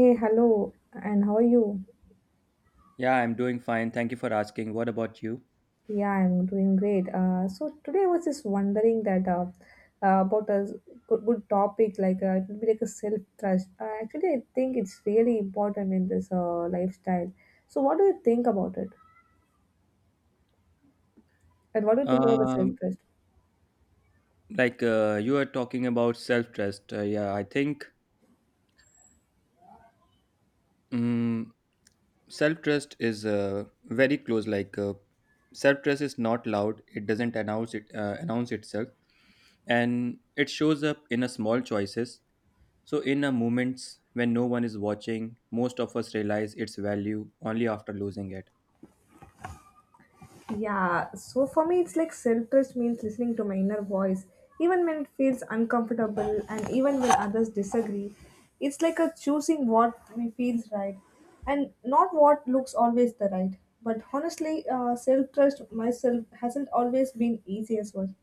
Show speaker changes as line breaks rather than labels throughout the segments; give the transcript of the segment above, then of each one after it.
Hey, hello, and how are you?
Yeah, I'm doing fine. Thank you for asking. What about you?
Yeah, I'm doing great. So today I was just wondering that about a good topic like it would be like a self trust. Actually, I think it's really important in this lifestyle. So, what do you think about it? And what do you think about the self
Um,
trust?
you are talking about self trust. Yeah, I think um, self trust is very close. Self trust is not loud. It doesn't announce it announce itself, and it shows up in a small choices. So in a moments when no one is watching, most of us realize its value only after losing it.
Yeah, so for me, it's like self trust means listening to my inner voice, even when it feels uncomfortable and even when others disagree. It's like a choosing what we feels right and not what looks always the right. But honestly, self trust myself hasn't always been easy as well.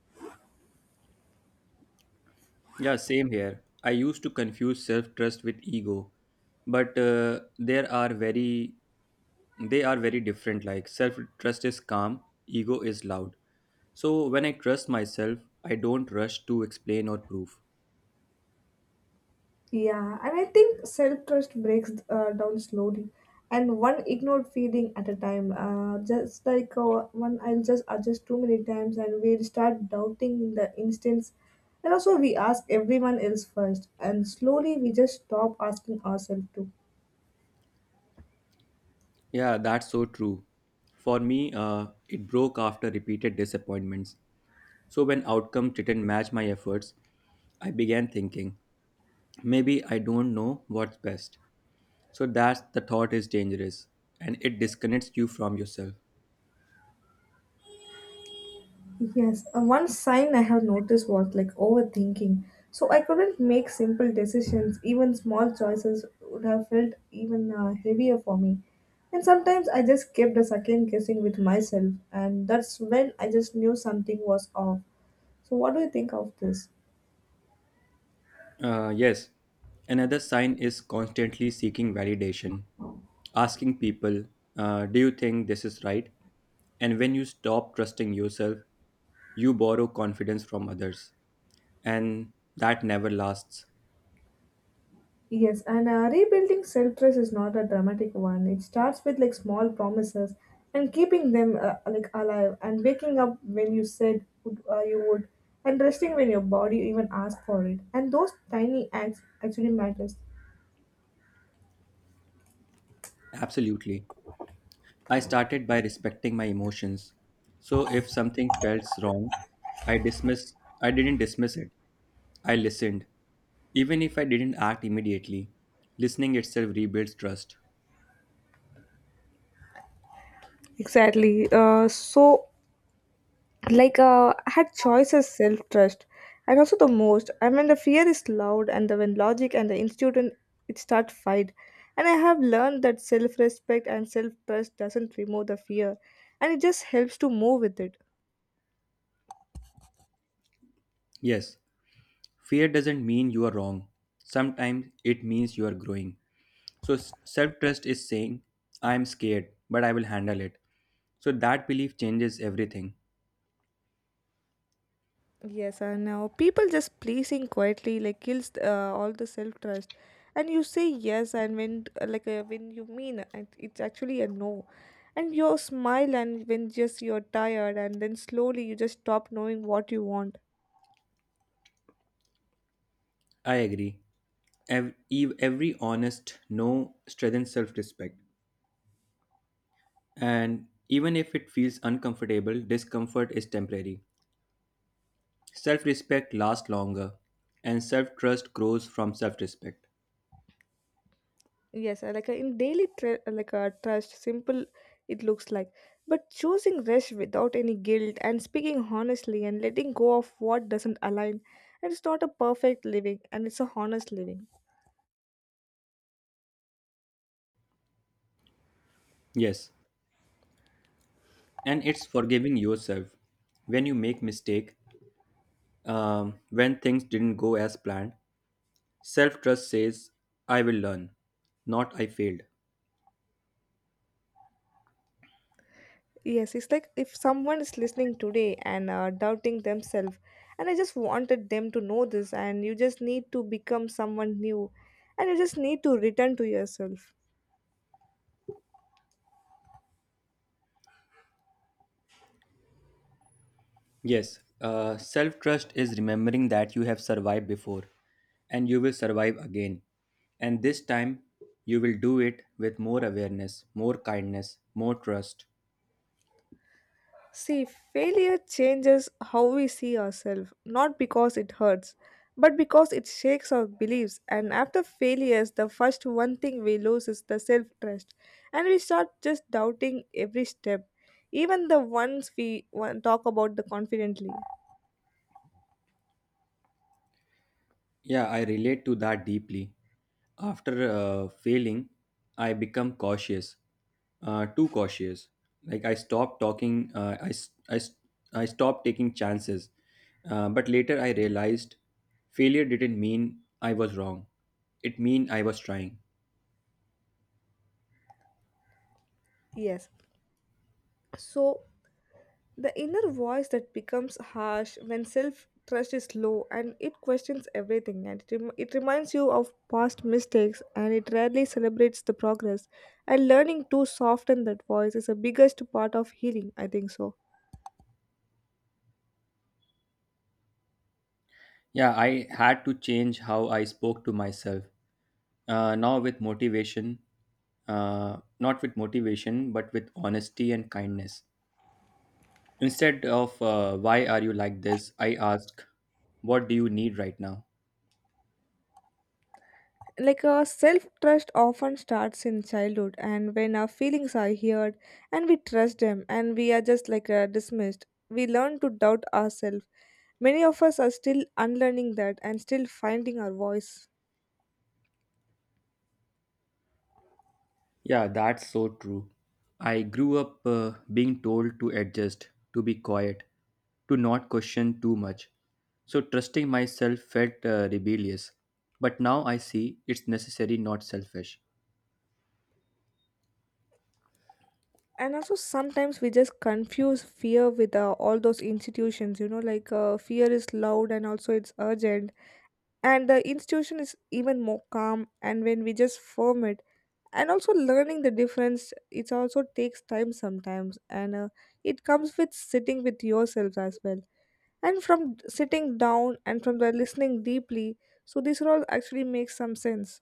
Yeah, same here. I used to confuse self-trust with ego, but there are very they are very different. Like self-trust is calm, ego is loud. So when I trust myself, I don't rush to explain or prove.
Yeah, and I think self trust breaks down slowly, and one ignored feeling at a time. Just like one, I'll just adjust too many times, and we'll start doubting the instance. And also, we ask everyone else first, and slowly we just stop asking ourselves too.
Yeah, that's so true. For me, it broke after repeated disappointments. So when outcomes didn't match my efforts, I began thinking, maybe I don't know what's best. So that's the thought is dangerous and it disconnects you from yourself.
Yes, one sign I have noticed was like overthinking. So I couldn't make simple decisions. Even small choices would have felt even heavier for me. And sometimes I just kept a second guessing with myself, and that's when I just knew something was off. So, what do you think of this?
Yes, another sign is constantly seeking validation, asking people, do you think this is right? And when you stop trusting yourself, you borrow confidence from others. And that never lasts.
Yes, and rebuilding self trust is not a dramatic one. It starts with like small promises and keeping them like alive and waking up when you you would and resting when your body even asked for it. And those tiny acts actually matters.
Absolutely. I started by respecting my emotions. So if something felt wrong, I didn't dismiss it. I listened. Even if I didn't act immediately, listening itself rebuilds trust.
Exactly. So I had choice as self-trust and also the most I mean the fear is loud and the when logic and the institute and it start fight and I have learned that self-respect and self-trust doesn't remove the fear and it just helps to move with it.
Yes, fear doesn't mean you are wrong. Sometimes it means you are growing. So self trust is saying, I am scared, but I will handle it. So that belief changes everything.
Yes, I know people just pleasing quietly like kills all the self-trust and you say yes and when when you mean it, it's actually a no and you smile and when just you're tired and then slowly you just stop knowing what you want.
I agree. Every honest no strengthens self respect. And even if it feels uncomfortable, discomfort is temporary. Self respect lasts longer, and self trust grows from self respect.
Yes, in daily trust, simple it looks like. But choosing rest without any guilt and speaking honestly and letting go of what doesn't align, and it's not a perfect living and it's a honest living.
Yes, and it's forgiving yourself. When you make mistake, when things didn't go as planned, self trust says, I will learn, not I failed.
Yes, it's like if someone is listening today and doubting themselves, and I just wanted them to know this, and you just need to become someone new, and you just need to return to yourself.
Yes, self trust is remembering that you have survived before and you will survive again. And this time, you will do it with more awareness, more kindness, more trust.
See, failure changes how we see ourselves, not because it hurts, but because it shakes our beliefs. And after failures, the first one thing we lose is the self trust, and we start just doubting every step, even the ones we talk about the confidently.
Yeah, I relate to that deeply. After failing, I become cautious, too cautious. Like I stopped talking, I stopped taking chances. But later I realized failure didn't mean I was wrong. It mean I was trying.
Yes. So the inner voice that becomes harsh when self trust is low and it questions everything and it reminds you of past mistakes and it rarely celebrates the progress. And learning to soften that voice is the biggest part of healing, I think so.
Yeah, I had to change how I spoke to myself. Uh, now with motivation, uh, not with motivation, but with honesty and kindness. Instead of why are you like this, I ask, what do you need right now?
Like our self trust often starts in childhood, and when our feelings are heard and we trust them and we are just dismissed, we learn to doubt ourselves. Many of us are still unlearning that and still finding our voice.
Yeah, that's so true. I grew up being told to adjust, to be quiet, to not question too much. So trusting myself felt rebellious. But now I see it's necessary, not selfish.
And also sometimes we just confuse fear with all those institutions, fear is loud and also it's urgent and the institution is even more calm and when we just firm it and also learning the difference it also takes time sometimes and it comes with sitting with yourself as well and from sitting down and from the listening deeply, so this all actually makes some sense.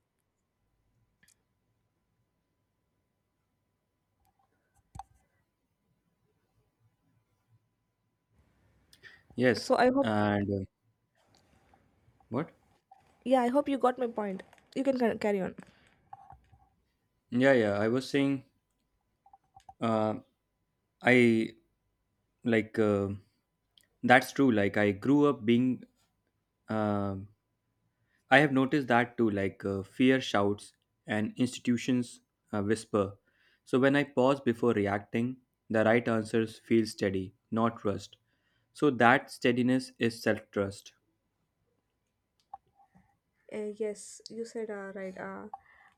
Yes.
So I hope,
And What?
yeah, I hope you got my point. You can carry on.
Yeah, yeah. I was saying, uh, I like, uh, that's true. Like, I grew up being. Uh. I have noticed that too, fear shouts and institutions whisper. So when I pause before reacting, the right answers feel steady, not trust. So that steadiness is self trust.
Yes, you said right. Uh,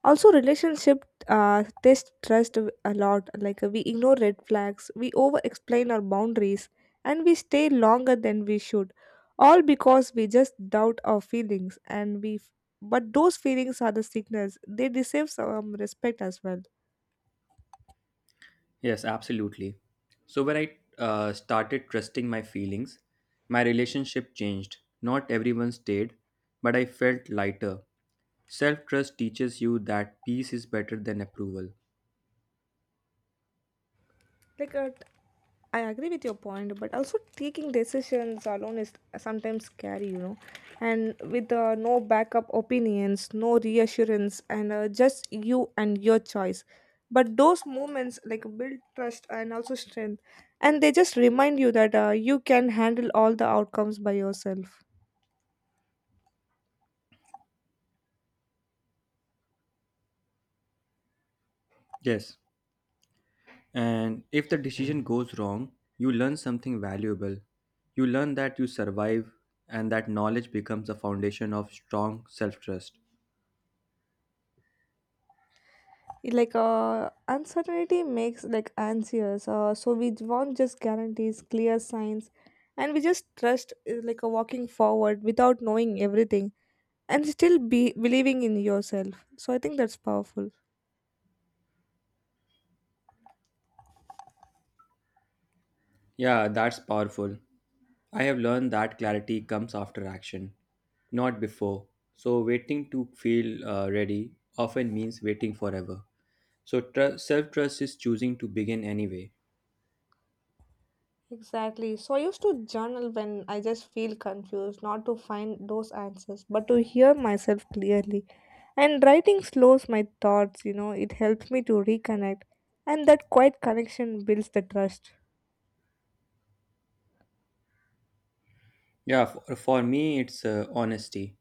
also, relationship uh, test trust a lot. Like we ignore red flags, we over explain our boundaries, and we stay longer than we should. All because we just doubt our feelings, but those feelings are the signals. They deserve some respect as well.
Yes, absolutely. So when I started trusting my feelings, my relationship changed. Not everyone stayed, but I felt lighter. Self trust teaches you that peace is better than approval.
like uh, I agree with your point but also taking decisions alone is sometimes scary, you know, and with no backup opinions, no reassurance, and just you and your choice, but those moments like build trust and also strength, and they just remind you that you can handle all the outcomes by yourself.
Yes. And if the decision goes wrong, you learn something valuable. You learn that you survive, and that knowledge becomes the foundation of strong self trust.
Uncertainty makes like anxious, so we want just guarantees, clear signs, and we just trust like a walking forward without knowing everything and still be believing in yourself, so I think that's powerful.
Yeah, that's powerful. I have learned that clarity comes after action, not before. So, waiting to feel ready often means waiting forever. So, self trust is choosing to begin anyway.
Exactly. So I used to journal when I just feel confused, not to find those answers but to hear myself clearly, and writing slows my thoughts, you know, it helps me to reconnect, and that quiet connection builds the trust.
Yeah, for me, it's honesty,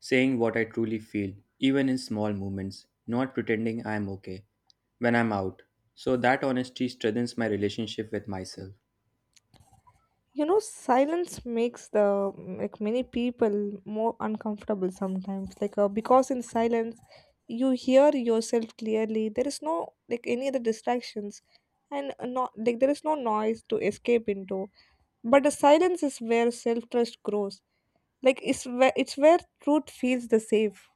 saying what I truly feel, even in small moments, not pretending I'm okay when I'm out. So that honesty strengthens my relationship with myself.
You know silence makes the like many people more uncomfortable sometimes, because in silence you hear yourself clearly. There is no like any other distractions, and not like there is no noise to escape into, but the silence is where self trust grows. Like it's where truth feels the safe.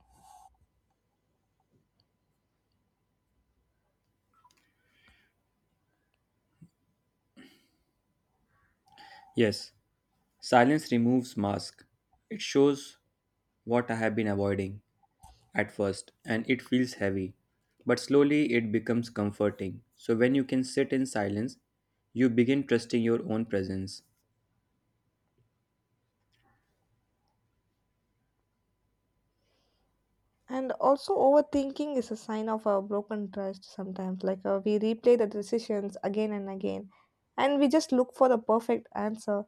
Yes, silence removes mask. It shows what I have been avoiding at first, and it feels heavy, but slowly it becomes comforting. So when you can sit in silence, you begin trusting your own presence.
And also overthinking is a sign of a broken trust sometimes, we replay the decisions again and again, and we just look for the perfect answer.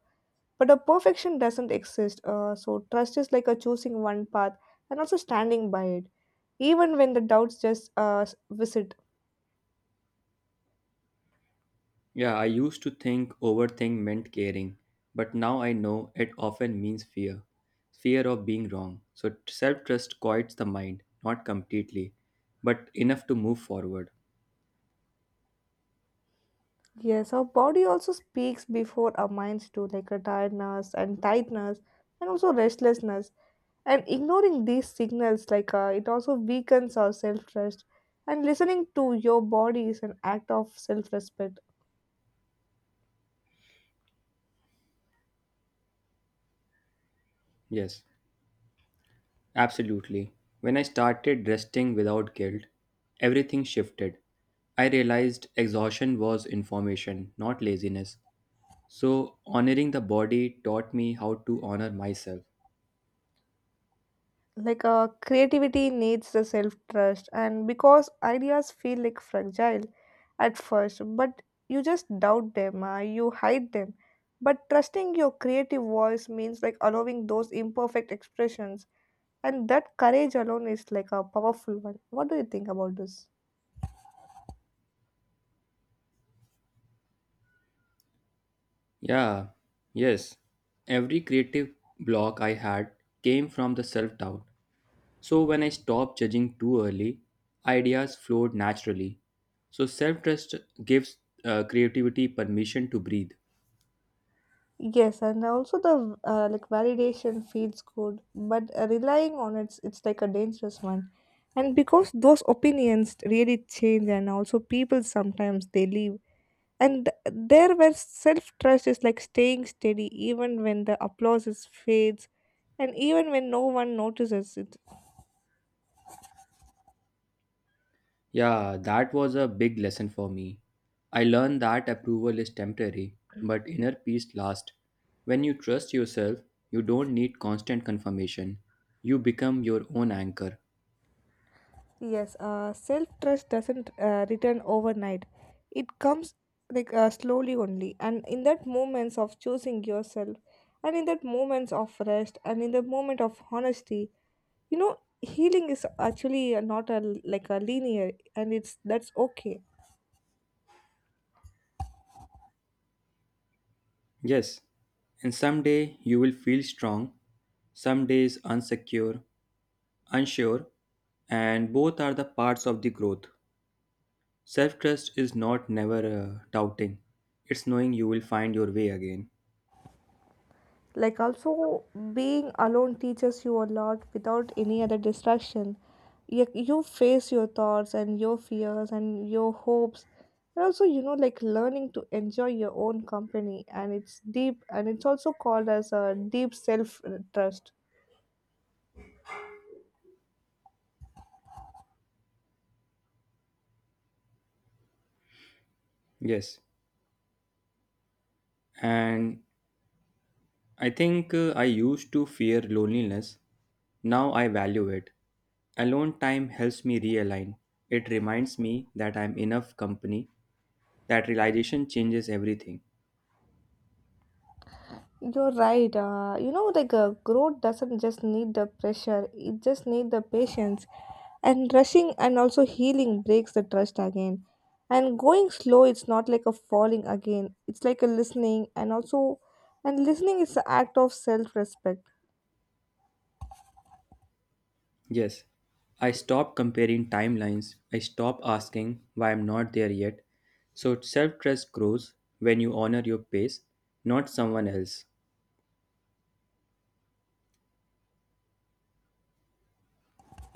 But a perfection doesn't exist, so trust is like a choosing one path and also standing by it, even when the doubts just visit.
Yeah, I used to think overthink meant caring, but now I know it often means fear. Fear of being wrong. So self trust quiets the mind, not completely, but enough to move forward.
Yes, our body also speaks before our minds do, like a tiredness and tightness and also restlessness. And ignoring these signals, it also weakens our self trust. And listening to your body is an act of self respect.
Yes, absolutely. When I started resting without guilt, everything shifted. I realized exhaustion was information, not laziness. So honoring the body taught me how to honor myself.
Creativity needs the self trust, and because ideas feel like fragile at first, but you just doubt them, you hide them, but trusting your creative voice means like allowing those imperfect expressions, and that courage alone is like a powerful one. What do you think about this?
Yeah, yes. Every creative block I had came from the self doubt. So when I stopped judging too early, ideas flowed naturally. So self trust gives creativity permission to breathe.
Yes, and also the like validation feels good, but relying on it's like a dangerous one. And because those opinions really change, and also people sometimes they leave, and there where self trust is like staying steady even when the applause is fades, and even when no one notices it.
Yeah, that was a big lesson for me. I learned that approval is temporary, but inner peace lasts. When you trust yourself, you don't need constant confirmation. You become your own anchor.
Yes, self trust doesn't return overnight. It comes slowly only, and in that moments of choosing yourself, and in that moments of rest, and in the moment of honesty, you know, healing is actually not a like a linear, and it's that's okay.
Yes, and someday you will feel strong, some days unsecure, unsure, and both are the parts of the growth. Self trust is not never doubting, it's knowing you will find your way again.
Like also being alone teaches you a lot without any other distraction. You face your thoughts and your fears and your hopes, and also you know like learning to enjoy your own company, and it's deep, and it's also called as a deep self trust.
Yes, and I think I used to fear loneliness, now I value it. Alone time helps me realign, it reminds me that I'm enough company, that realization changes everything.
You're right. You know, growth doesn't just need the pressure; it just need the patience. And rushing and also healing breaks the trust again. And going slow, it's not like a falling again. It's like a listening, and listening is the act of self-respect.
Yes, I stopped comparing timelines. I stopped asking why I'm not there yet. So self trust grows when you honor your pace, not someone else.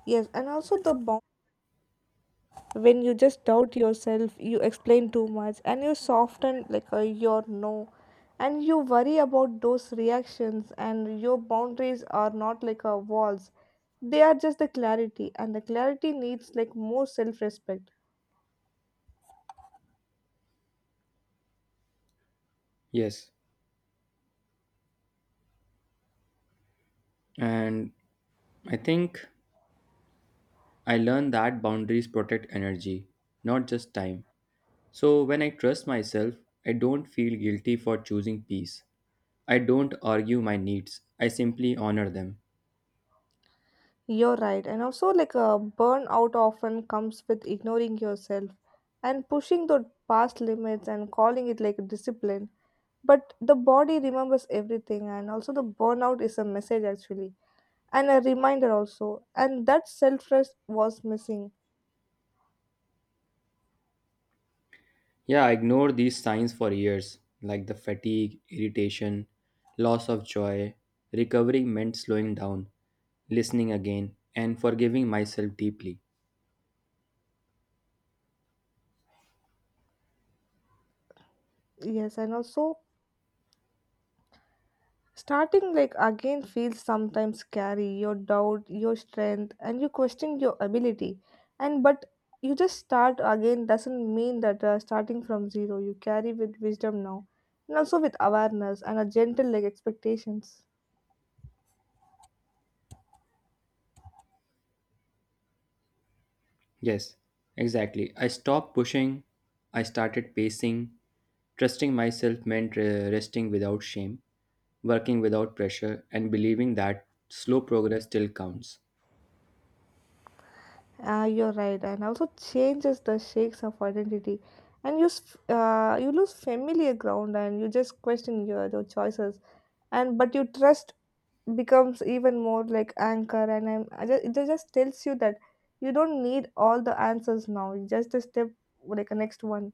Yes, and also the bound. When you just doubt yourself you explain too much and you soften your no, and you worry about those reactions, and your boundaries are not like a walls, they are just the clarity, and the clarity needs like more self-respect.
Yes, and I think I learned that boundaries protect energy, not just time. So when I trust myself, I don't feel guilty for choosing peace. I don't argue my needs, I simply honor them.
You're right, and also like a burnout often comes with ignoring yourself and pushing the past limits and calling it like discipline, but the body remembers everything, and also the burnout is a message actually and a reminder also, and that self-trust was missing.
Yeah, I ignored these signs for years, like the fatigue, irritation, loss of joy. Recovery meant slowing down, listening again, and forgiving myself deeply.
Yes, and also starting like again feels sometimes scary. Your doubt your strength and you question your ability, and but you just start again doesn't mean that starting from zero. You carry with wisdom now and also with awareness and a gentle like expectations.
Yes, exactly. I stopped pushing, I started pacing. Trusting myself meant resting without shame, working without pressure, and believing that slow progress still counts.
Ah, you're right, and also changes the shakes of identity, and you lose familiar ground, and you just question your choices, and but your trust becomes even more like anchor, and I just, it just tells you that you don't need all the answers now. You just a step, like a next one.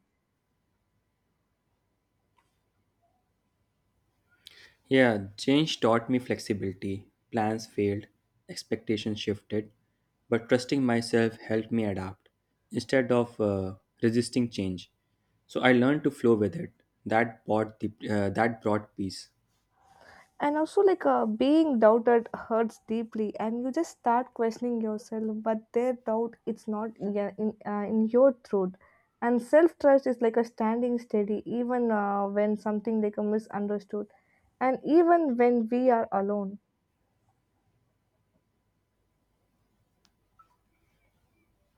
Yeah, change taught me flexibility. Plans failed, expectations shifted, but trusting myself helped me adapt instead of resisting change. So I learned to flow with it. That brought peace.
And also being doubted hurts deeply, and you just start questioning yourself, but their doubt it's not yeah, in your truth, and self-trust is like a standing steady even when something like a misunderstood, and even when we are alone.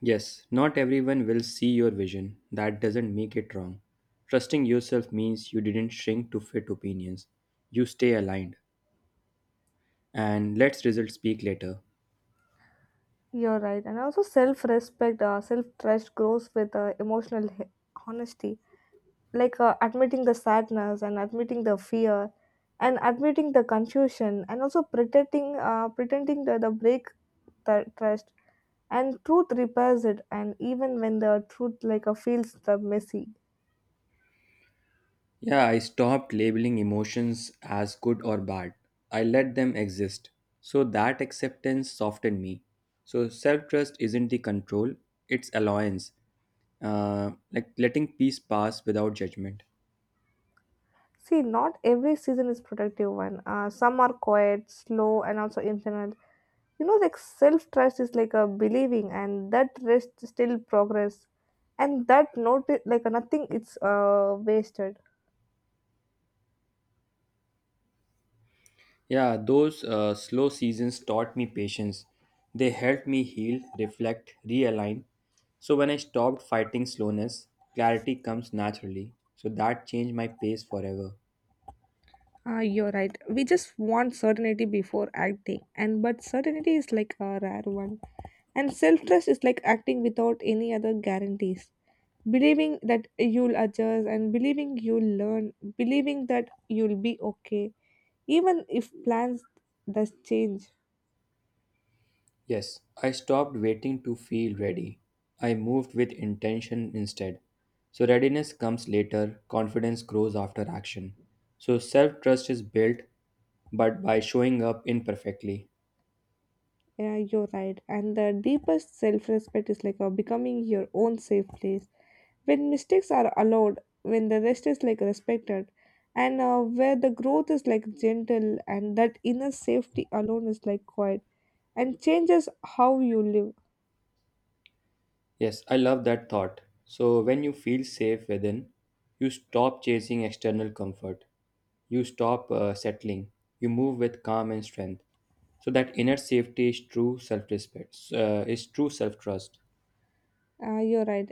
Yes, not everyone will see your vision. That doesn't make it wrong. Trusting yourself means you didn't shrink to fit opinions. You stay aligned. And let's results speak later.
You're right. And also, self respect, self trust grows with emotional honesty, admitting the sadness and admitting the fear and admitting the confusion, and also pretending, pretending that the break the trust and truth repairs it. And even when the truth feels the messy.
Yeah, I stopped labeling emotions as good or bad. I let them exist. So that acceptance softened me. So self trust isn't the control, it's allowance, like letting peace pass without judgment.
See, not every season is productive one. Some are quiet, slow, and also internal, you know, like self trust is like a believing and that rest still progress and that not like nothing it's wasted.
Yeah, those slow seasons taught me patience. They helped me heal, reflect, realign. So when I stopped fighting slowness, clarity comes naturally. So that changed my pace forever.
Ah, you're right. We just want certainty before acting, and but certainty is like a rare one. And self trust is like acting without any other guarantees. Believing that you'll adjust and believing you'll learn, believing that you'll be okay, even if plans does change.
Yes, I stopped waiting to feel ready. I moved with intention instead. So, readiness comes later, confidence grows after action. So, self trust is built but by showing up imperfectly.
Yeah, you're right. And the deepest self respect is like a becoming your own safe place. When mistakes are allowed, when the rest is like respected, and where the growth is like gentle, and that inner safety alone is like quiet and changes how you live.
Yes, I love that thought. So, when you feel safe within, you stop chasing external comfort, you stop settling, you move with calm and strength. So, that inner safety is true self respect, is true self trust.
You're right.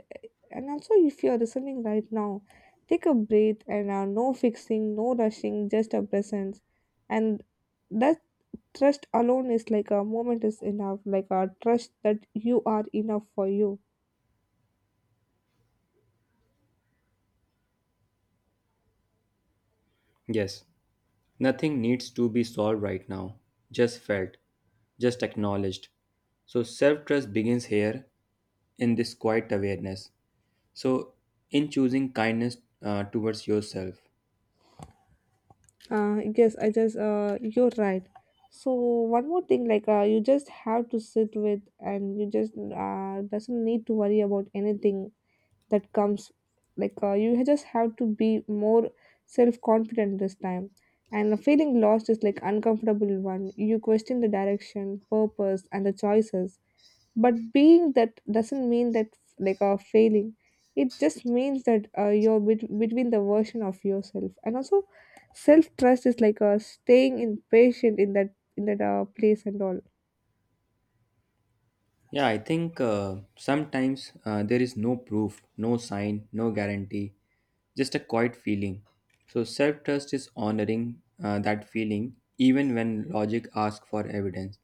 And also, if you're listening right now, take a breath and no fixing, no rushing, just a presence. And that trust alone is like a moment is enough, like a trust that you are enough for you.
Yes. Nothing needs to be solved right now, just felt, just acknowledged. So, self trust begins here in this quiet awareness. So, in choosing kindness towards yourself.
Yes, I just, you're right. So, one more thing, like, you just have to sit with and you just doesn't need to worry about anything that comes you just have to be more self-confident this time, and feeling lost is like uncomfortable one, you question the direction purpose and the choices, but being that doesn't mean that failing, it just means that you're between the version of yourself and also self-trust is staying in patient in that place and all.
Yeah, I think sometimes there is no proof, no sign, no guarantee, just a quiet feeling. So, self trust is honoring that feeling even when logic asks for evidence.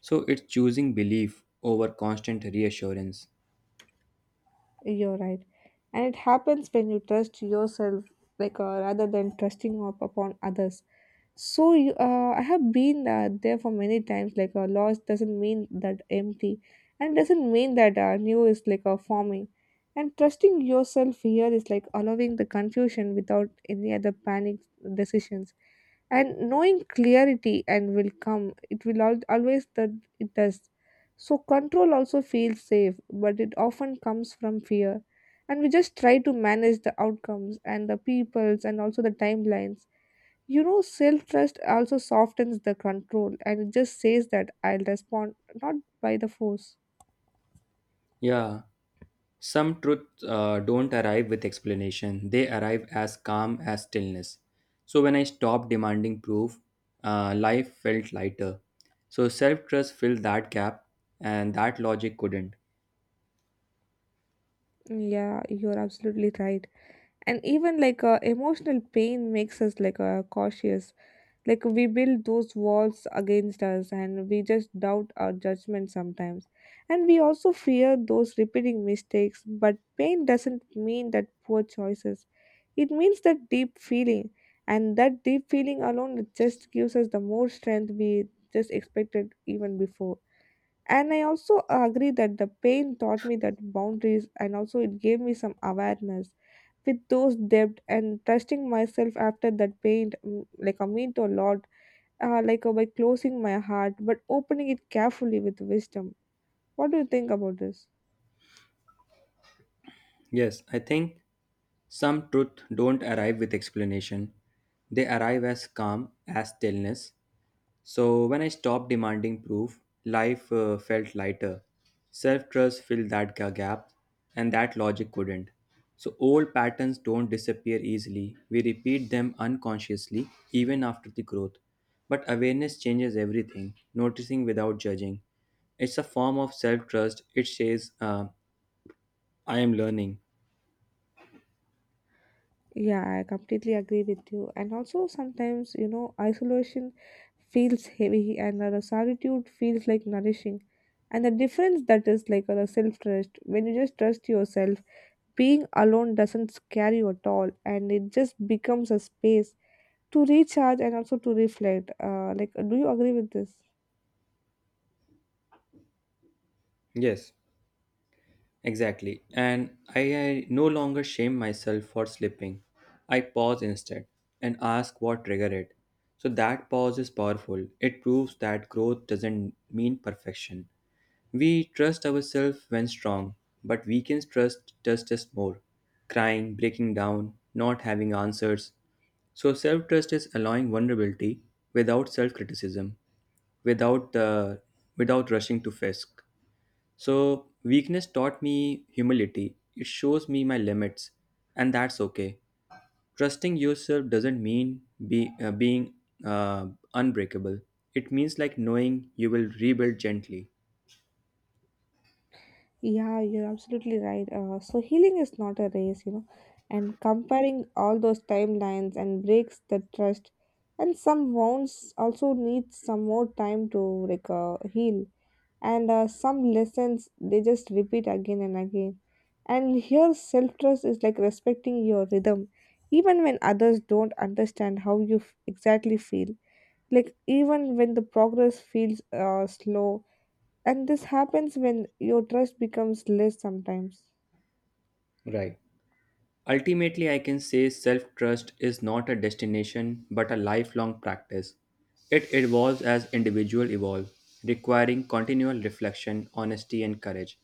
So, it's choosing belief over constant reassurance.
You're right. And it happens when you trust yourself, rather than trusting up upon others. So you, I have been there for many times. Like a loss doesn't mean that empty, and doesn't mean that new is forming. And trusting yourself here is like allowing the confusion without any other panic decisions. And knowing clarity and will come. It will always that it does. So control also feels safe, but it often comes from fear. And we just try to manage the outcomes and the peoples and also the timelines. You know, self trust also softens the control and it just says that I'll respond not by the force.
Yeah, some truths don't arrive with explanation, they arrive as calm as stillness. So, when I stopped demanding proof, life felt lighter. So, self trust filled that gap, and that logic couldn't.
Yeah, you're absolutely right. And even emotional pain makes us cautious. Like we build those walls against us and we just doubt our judgment sometimes. And we also fear those repeating mistakes, but pain doesn't mean that poor choices. It means that deep feeling, and that deep feeling alone it just gives us the more strength we just expected even before. And I also agree that the pain taught me that boundaries and also it gave me some awareness with those depth, and trusting myself after that pain, like I mean to a lot, by closing my heart but opening it carefully with wisdom. What do you think about this?
Yes, I think some truth don't arrive with explanation. They arrive as calm, as stillness. So when I stopped demanding proof, life felt lighter. Self trust filled that gap, and that logic couldn't. So old patterns don't disappear easily. We repeat them unconsciously, even after the growth. But awareness changes everything, noticing without judging. It's a form of self trust. It says, I am learning.
Yeah, I completely agree with you. And also sometimes, you know, isolation feels heavy and the solitude feels like nourishing, and the difference that is the self trust. When you just trust yourself, being alone doesn't scare you at all, and it just becomes a space to recharge and also to reflect, like, do you agree with this?
Yes. Exactly. And I no longer shame myself for slipping. I pause instead and ask what triggered it. So that pause is powerful. It proves that growth doesn't mean perfection. We trust ourselves when strong, but weakens trust us more. Crying, breaking down, not having answers. So self trust is allowing vulnerability without self criticism, without the without rushing to fisk. So, weakness taught me humility. It shows me my limits, and that's okay. Trusting yourself doesn't mean being uh, unbreakable, it means like knowing you will rebuild gently.
Yeah, you're absolutely right. So healing is not a race, you know, and comparing all those timelines and breaks the trust. And some wounds also need some more time to heal, and some lessons they just repeat again and again. And here, self trust is like respecting your rhythm, even when others don't understand how you exactly feel. Like even when the progress feels slow and this happens when your trust becomes less sometimes.
Right. Ultimately, I can say self trust is not a destination but a lifelong practice. It evolves as individuals evolve, requiring continual reflection, honesty, and courage.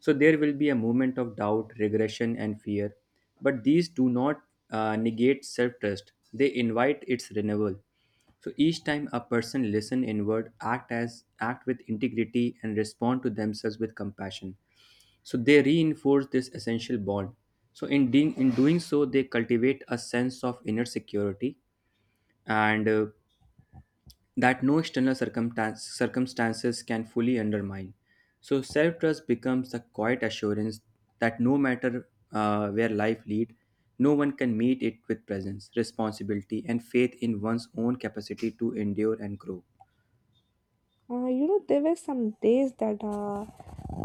So there will be a moment of doubt, regression, and fear, but these do not negate self trust, they invite its renewal. So each time a person listen inward, act with integrity and respond to themselves with compassion. So they reinforce this essential bond. So in doing so, they cultivate a sense of inner security and that no external circumstances can fully undermine. So self trust becomes the quiet assurance that no matter where life lead, no one can meet it with presence, responsibility, and faith in one's own capacity to endure and grow.
You know, there were some days that uh,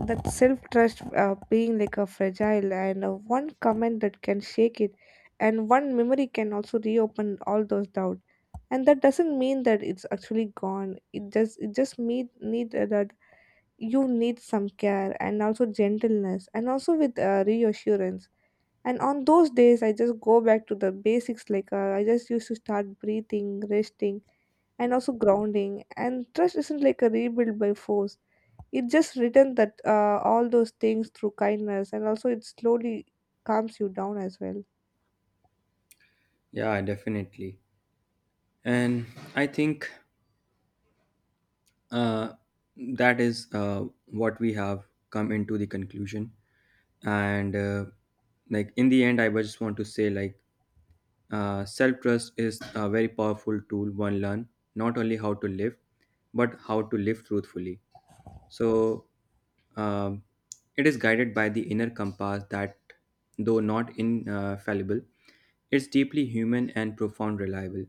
that self trust being like a fragile, and one comment that can shake it and one memory can also reopen all those doubts. And that doesn't mean that it's actually gone, it just need that you need some care and also gentleness and also with reassurance. And on those days, I just go back to the basics, I just used to start breathing, resting, and also grounding. And trust isn't like a rebuild by force. It just written that all those things through kindness, and also it slowly calms you down as well.
Yeah, definitely. And I think Uh, that is what we have come into the conclusion. And in the end, I just want to say self trust is a very powerful tool one learn not only how to live but how to live truthfully. So um, it is guided by the inner compass that, though not infallible, is deeply human and profound reliable.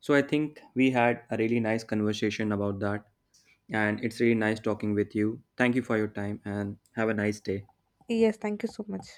So I think we had a really nice conversation about that. And it's really nice talking with you. Thank you for your time and have a nice day.
Yes, thank you so much.